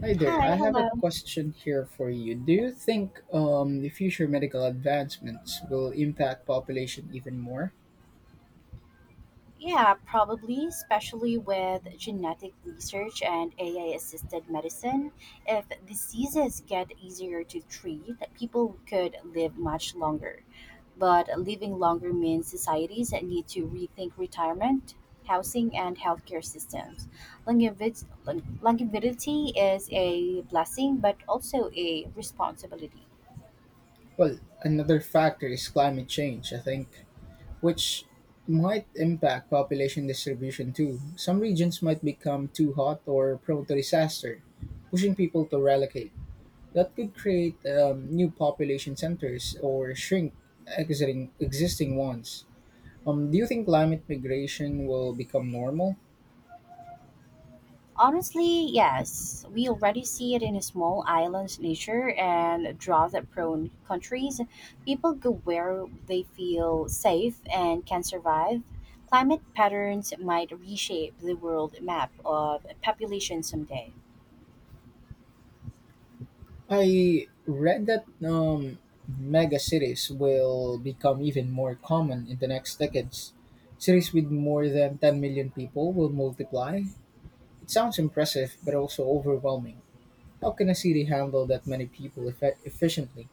Hi there. Hi, I have a hello. question here for you. Do you think the future medical advancements will impact population even more? Yeah, probably, especially with genetic research and AI assisted medicine. If diseases get easier to treat, people could live much longer. But living longer means societies that need to rethink retirement, housing, and healthcare systems. Longevity, longevity is a blessing, but also a responsibility. Well, another factor is climate change, I think, which might impact population distribution too. Some regions might become too hot or prone to disaster, pushing people to relocate. That could create new population centers or shrink exiting existing ones. Do you think climate migration will become normal? Honestly, yes. We already see it in small islands, nature and drought-prone countries. People go where they feel safe and can survive. Climate patterns might reshape the world map of population someday. I read that megacities will become even more common in the next decades. Cities with more than 10 million people will multiply. It sounds impressive, but also overwhelming. How can a city handle that many people efficiently?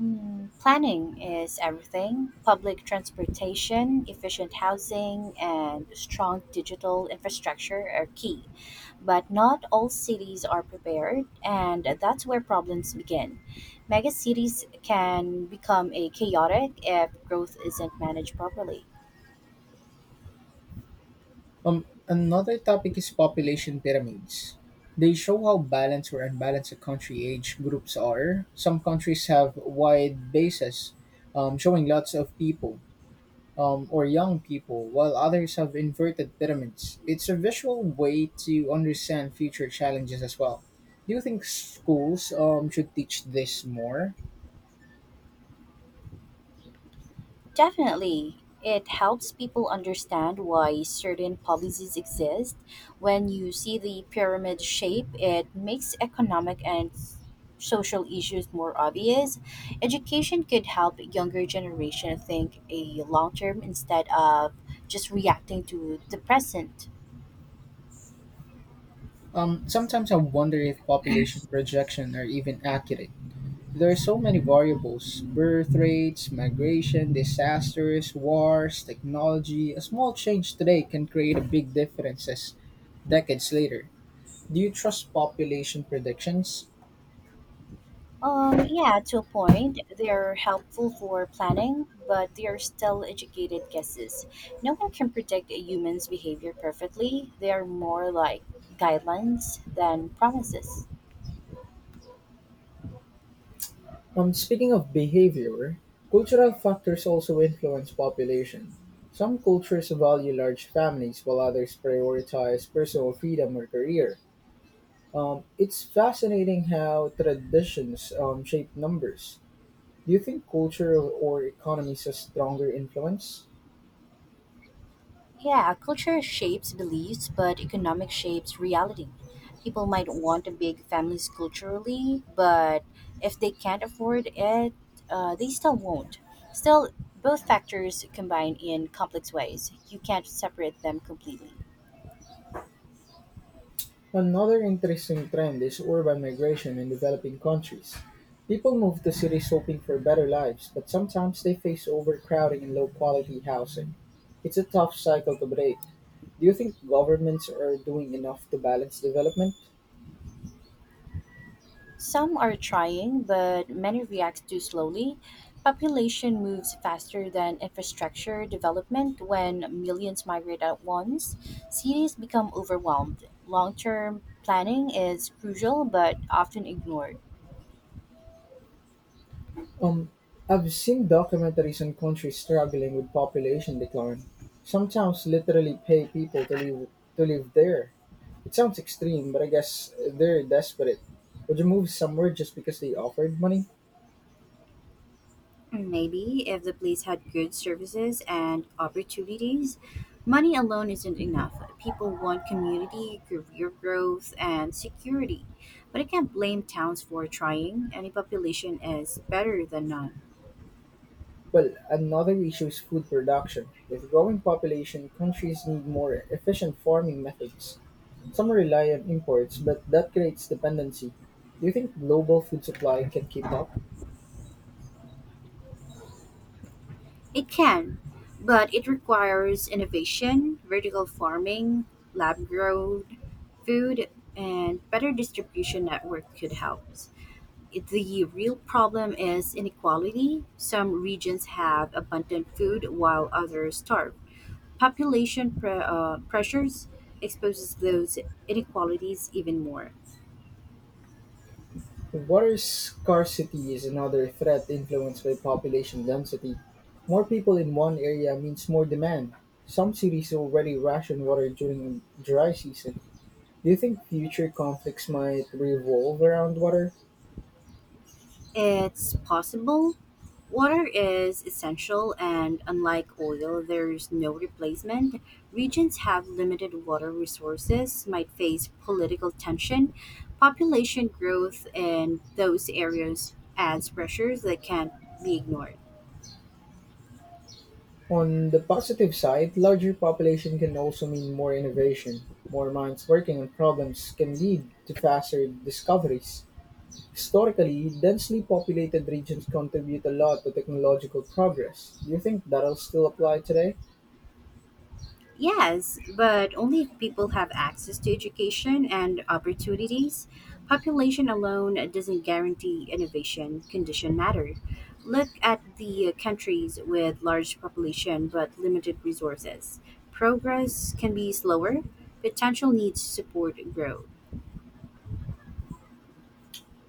Mm, planning is everything: public transportation, efficient housing, and strong digital infrastructure are key. But not all cities are prepared, and that's where problems begin. Megacities can become a chaotic if growth isn't managed properly. Another topic is population pyramids. They show how balanced or unbalanced a country age groups are. Some countries have wide bases, showing lots of people or young people, while others have inverted pyramids. It's a visual way to understand future challenges as well. Do you think schools should teach this more? Definitely. It helps people understand why certain policies exist. When you see the pyramid shape, it makes economic and social issues more obvious. Education could help younger generation think a long term instead of just reacting to the present. Sometimes I wonder if population projections are even accurate. There are so many variables birth rates, migration, disasters, wars, technology. A small change today can create a big differences decades later. Do you trust population predictions? Yeah, to a point, they're helpful for planning, but they are still educated guesses. No one can predict a human's behavior perfectly. They are more like guidelines than promises. Speaking of behavior, cultural factors also influence population. Some cultures value large families while others prioritize personal freedom or career. It's fascinating how traditions shape numbers. Do you think culture or economies has stronger influence? Yeah, culture shapes beliefs, but economics shapes reality. People might want a big families culturally, but if they can't afford it, they still won't. Still, both factors combine in complex ways. You can't separate them completely. Another interesting trend is urban migration in developing countries. People move to cities hoping for better lives, but sometimes they face overcrowding and low quality housing. It's a tough cycle to break. Do you think governments are doing enough to balance development? Some are trying, but many react too slowly. Population moves faster than infrastructure development when millions migrate at once. Cities become overwhelmed. Long term planning is crucial but often ignored. Um, I've seen documentaries on countries struggling with population decline. Sometimes literally pay people to live there. It sounds extreme, but I guess they're desperate. Would you move somewhere just because they offered money? Maybe if the place had good services and opportunities, money alone isn't enough. People want community, career growth, and security. But I can't blame towns for trying. Any population is better than none. Well, another issue is food production. With growing population, countries need more efficient farming methods. Some rely on imports, but that creates dependency. Do you think global food supply can keep up? It can, but it requires innovation, vertical farming, lab grown food, and better distribution network could help. The real problem is inequality. Some regions have abundant food while others starve. Pressures exposes those inequalities even more. Water scarcity is another threat influenced by population density. More people in one area means more demand. Some cities already ration water during dry season. Do you think future conflicts might revolve around water? It's possible. Water is essential, and unlike oil, there's no replacement. Regions have limited water resources, might face political tension. Population growth in those areas adds pressures that can't be ignored. On the positive side, larger population can also mean more innovation. More minds working on problems can lead to faster discoveries. Historically, densely populated regions contribute a lot to technological progress. Do you think that'll still apply today? Yes, but only if people have access to education and opportunities. Population alone doesn't guarantee innovation. Condition matter. Look at the countries with large population but limited resources. Progress can be slower. Potential needs to support growth.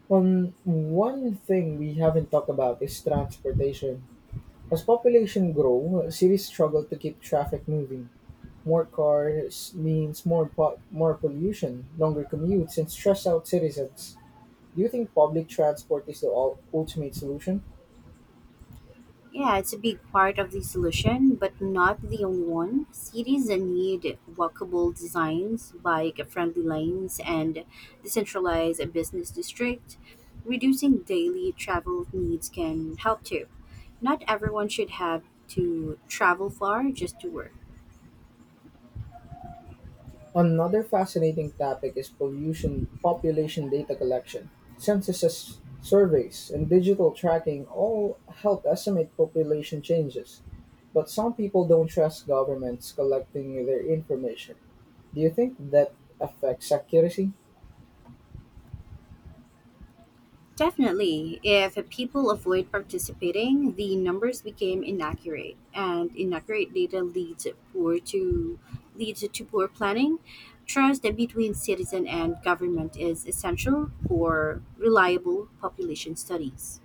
One thing we haven't talked about is transportation. As population grow, cities struggle to keep traffic moving. More cars means more pollution, longer commutes, and stress out citizens. Do you think public transport is the ultimate solution? Yeah, it's a big part of the solution, but not the only one. Cities need walkable designs, bike-friendly lanes, and decentralized business district. Reducing daily travel needs can help too. Not everyone should have to travel far just to work. Another fascinating topic is pollution population data collection. Censuses, surveys, and digital tracking all help estimate population changes, but some people don't trust governments collecting their information. Do you think that affects accuracy? Definitely, if people avoid participating, the numbers became inaccurate, and inaccurate data leads to poor planning. Trust between citizen and government is essential for reliable population studies.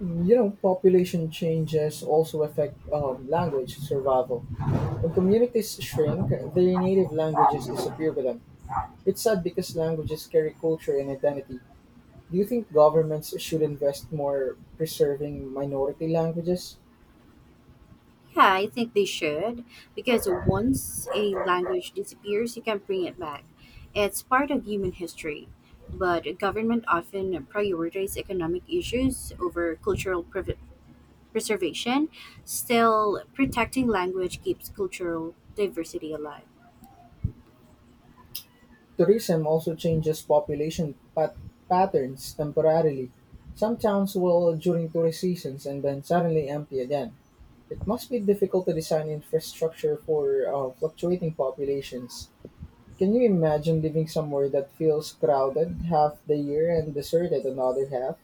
You know, population changes also affect language survival. When communities shrink, their native languages disappear with them. It's sad because languages carry culture and identity. Do you think governments should invest more preserving minority languages? Yeah, I think they should because once a language disappears, you can't bring it back. It's part of human history, but government often prioritize economic issues over preservation, still protecting language keeps cultural diversity alive. Tourism also changes population patterns temporarily. Some towns will during tourist seasons and then suddenly empty again. It must be difficult to design infrastructure for fluctuating populations. Can you imagine living somewhere that feels crowded half the year and deserted another half?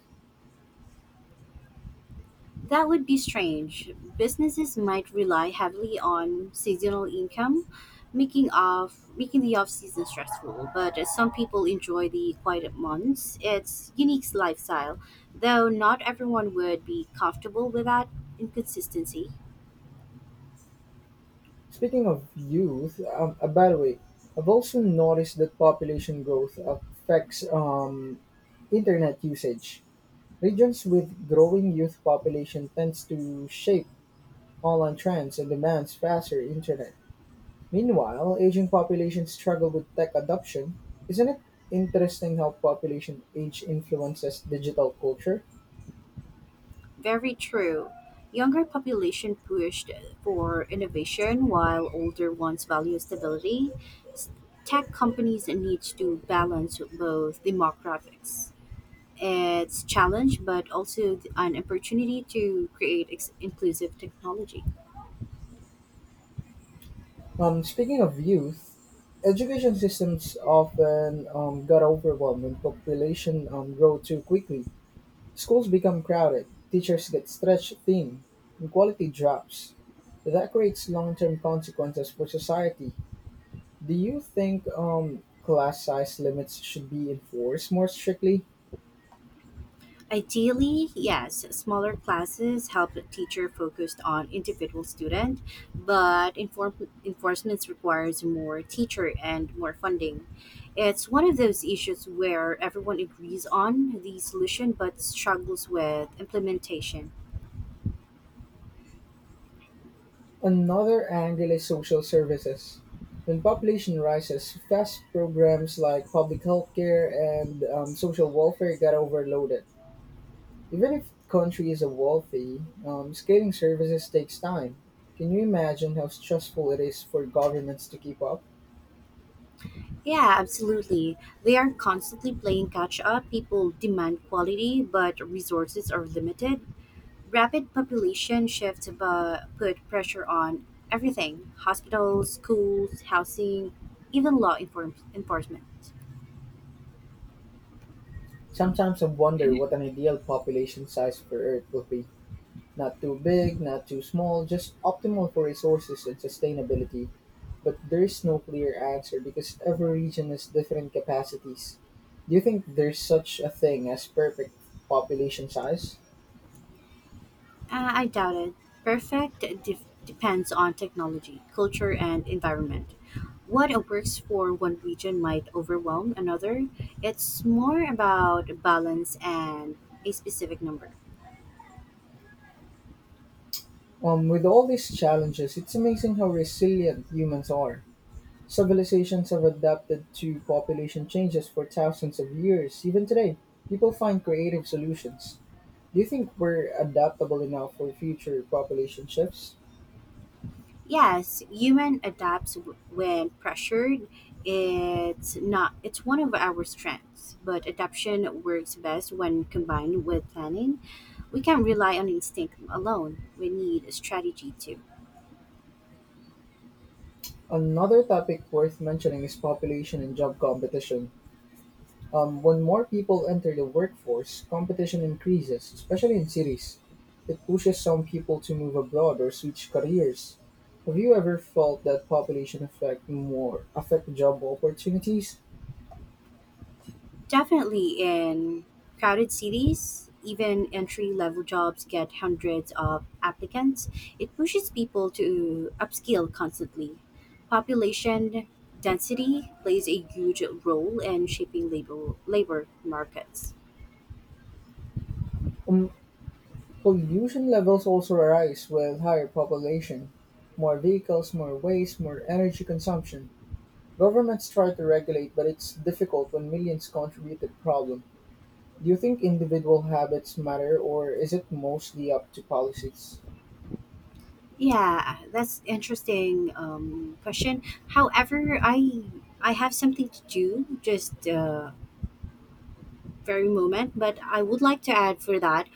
That would be strange. Businesses might rely heavily on seasonal income, making the off season stressful. But as some people enjoy the quiet months. It's unique lifestyle, though not everyone would be comfortable with that inconsistency. Speaking of youth, by the way, I've also noticed that population growth affects internet usage. Regions with growing youth population tends to shape online trends and demands faster internet. Meanwhile, aging populations struggle with tech adoption. Isn't it interesting how population age influences digital culture? Very true. Younger population pushed for innovation while older ones value stability. S- Tech companies need to balance both demographics. It's challenge, but also an opportunity to create inclusive technology. Speaking of youth, education systems often got overwhelmed when population grow too quickly. Schools become crowded, teachers get stretched thin, and quality drops. That creates long-term consequences for society. Do you think class size limits should be enforced more strictly? Ideally, yes, smaller classes help the teacher focused on individual student, but enforcement requires more teacher and more funding. It's one of those issues where everyone agrees on the solution but struggles with implementation. Another angle is social services. When population rises, fast programs like public health care and social welfare get overloaded. Even if the country is wealthy, scaling services takes time. Can you imagine how stressful it is for governments to keep up? Yeah, absolutely. They are constantly playing catch up. People demand quality, but resources are limited. Rapid population shifts put pressure on everything: hospitals, schools, housing, even enforcement. Sometimes I wonder what an ideal population size for Earth would be. Not too big, not too small, just optimal for resources and sustainability. But there is no clear answer because every region has different capacities. Do you think there's such a thing as perfect population size? I doubt it. Depends on technology, culture, and environment. What works for one region might overwhelm another. It's more about balance and a specific number. With all these challenges, it's amazing how resilient humans are. Civilizations have adapted to population changes for thousands of years. Even today, people find creative solutions. Do you think we're adaptable enough for future population shifts? Yes, when pressured. It's not it's one of our strengths, but adaptation works best when combined with planning. We can't rely on instinct alone. We need a strategy too. Another topic worth mentioning is population and job competition. When more people enter the workforce, competition increases, especially in cities. It pushes some people to move abroad or switch careers. Have you ever felt that population affect job opportunities? Definitely in crowded cities, even entry level jobs get hundreds of applicants. It pushes people to upskill constantly. Population density plays a huge role in shaping labor markets. Um, Pollution levels also rise with higher population. More vehicles, more waste, more energy consumption. Governments try to regulate, but it's difficult when millions contribute to the problem. Do you think individual habits matter, or is it mostly up to policies? Yeah, that's interesting question. However, I have something to do just very moment, but I would like to add for that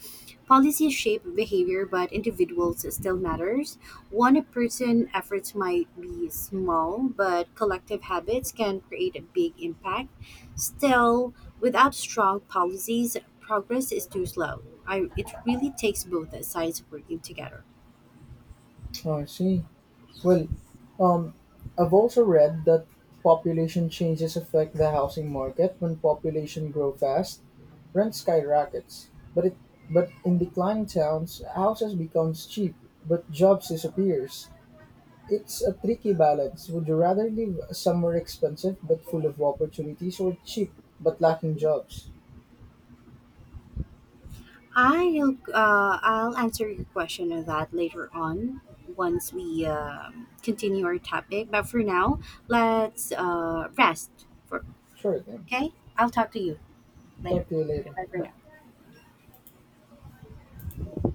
policies shape behavior, but individuals still matters. One person efforts might be small, but collective habits can create a big impact. Still, without strong policies, progress is too slow. It really takes both sides working together. Oh, I see. Well, um, I've also read that population changes affect the housing market. When population grow fast, rent skyrockets. But in declining towns, houses becomes cheap, but jobs disappears. It's a tricky balance. Would you rather live somewhere expensive but full of opportunities, or cheap but lacking jobs? I'll answer your question on that later on once we continue our topic. But for now, let's rest. For Sure thing. okay, I'll talk to you later. Talk to you later. Bye for Bye. now.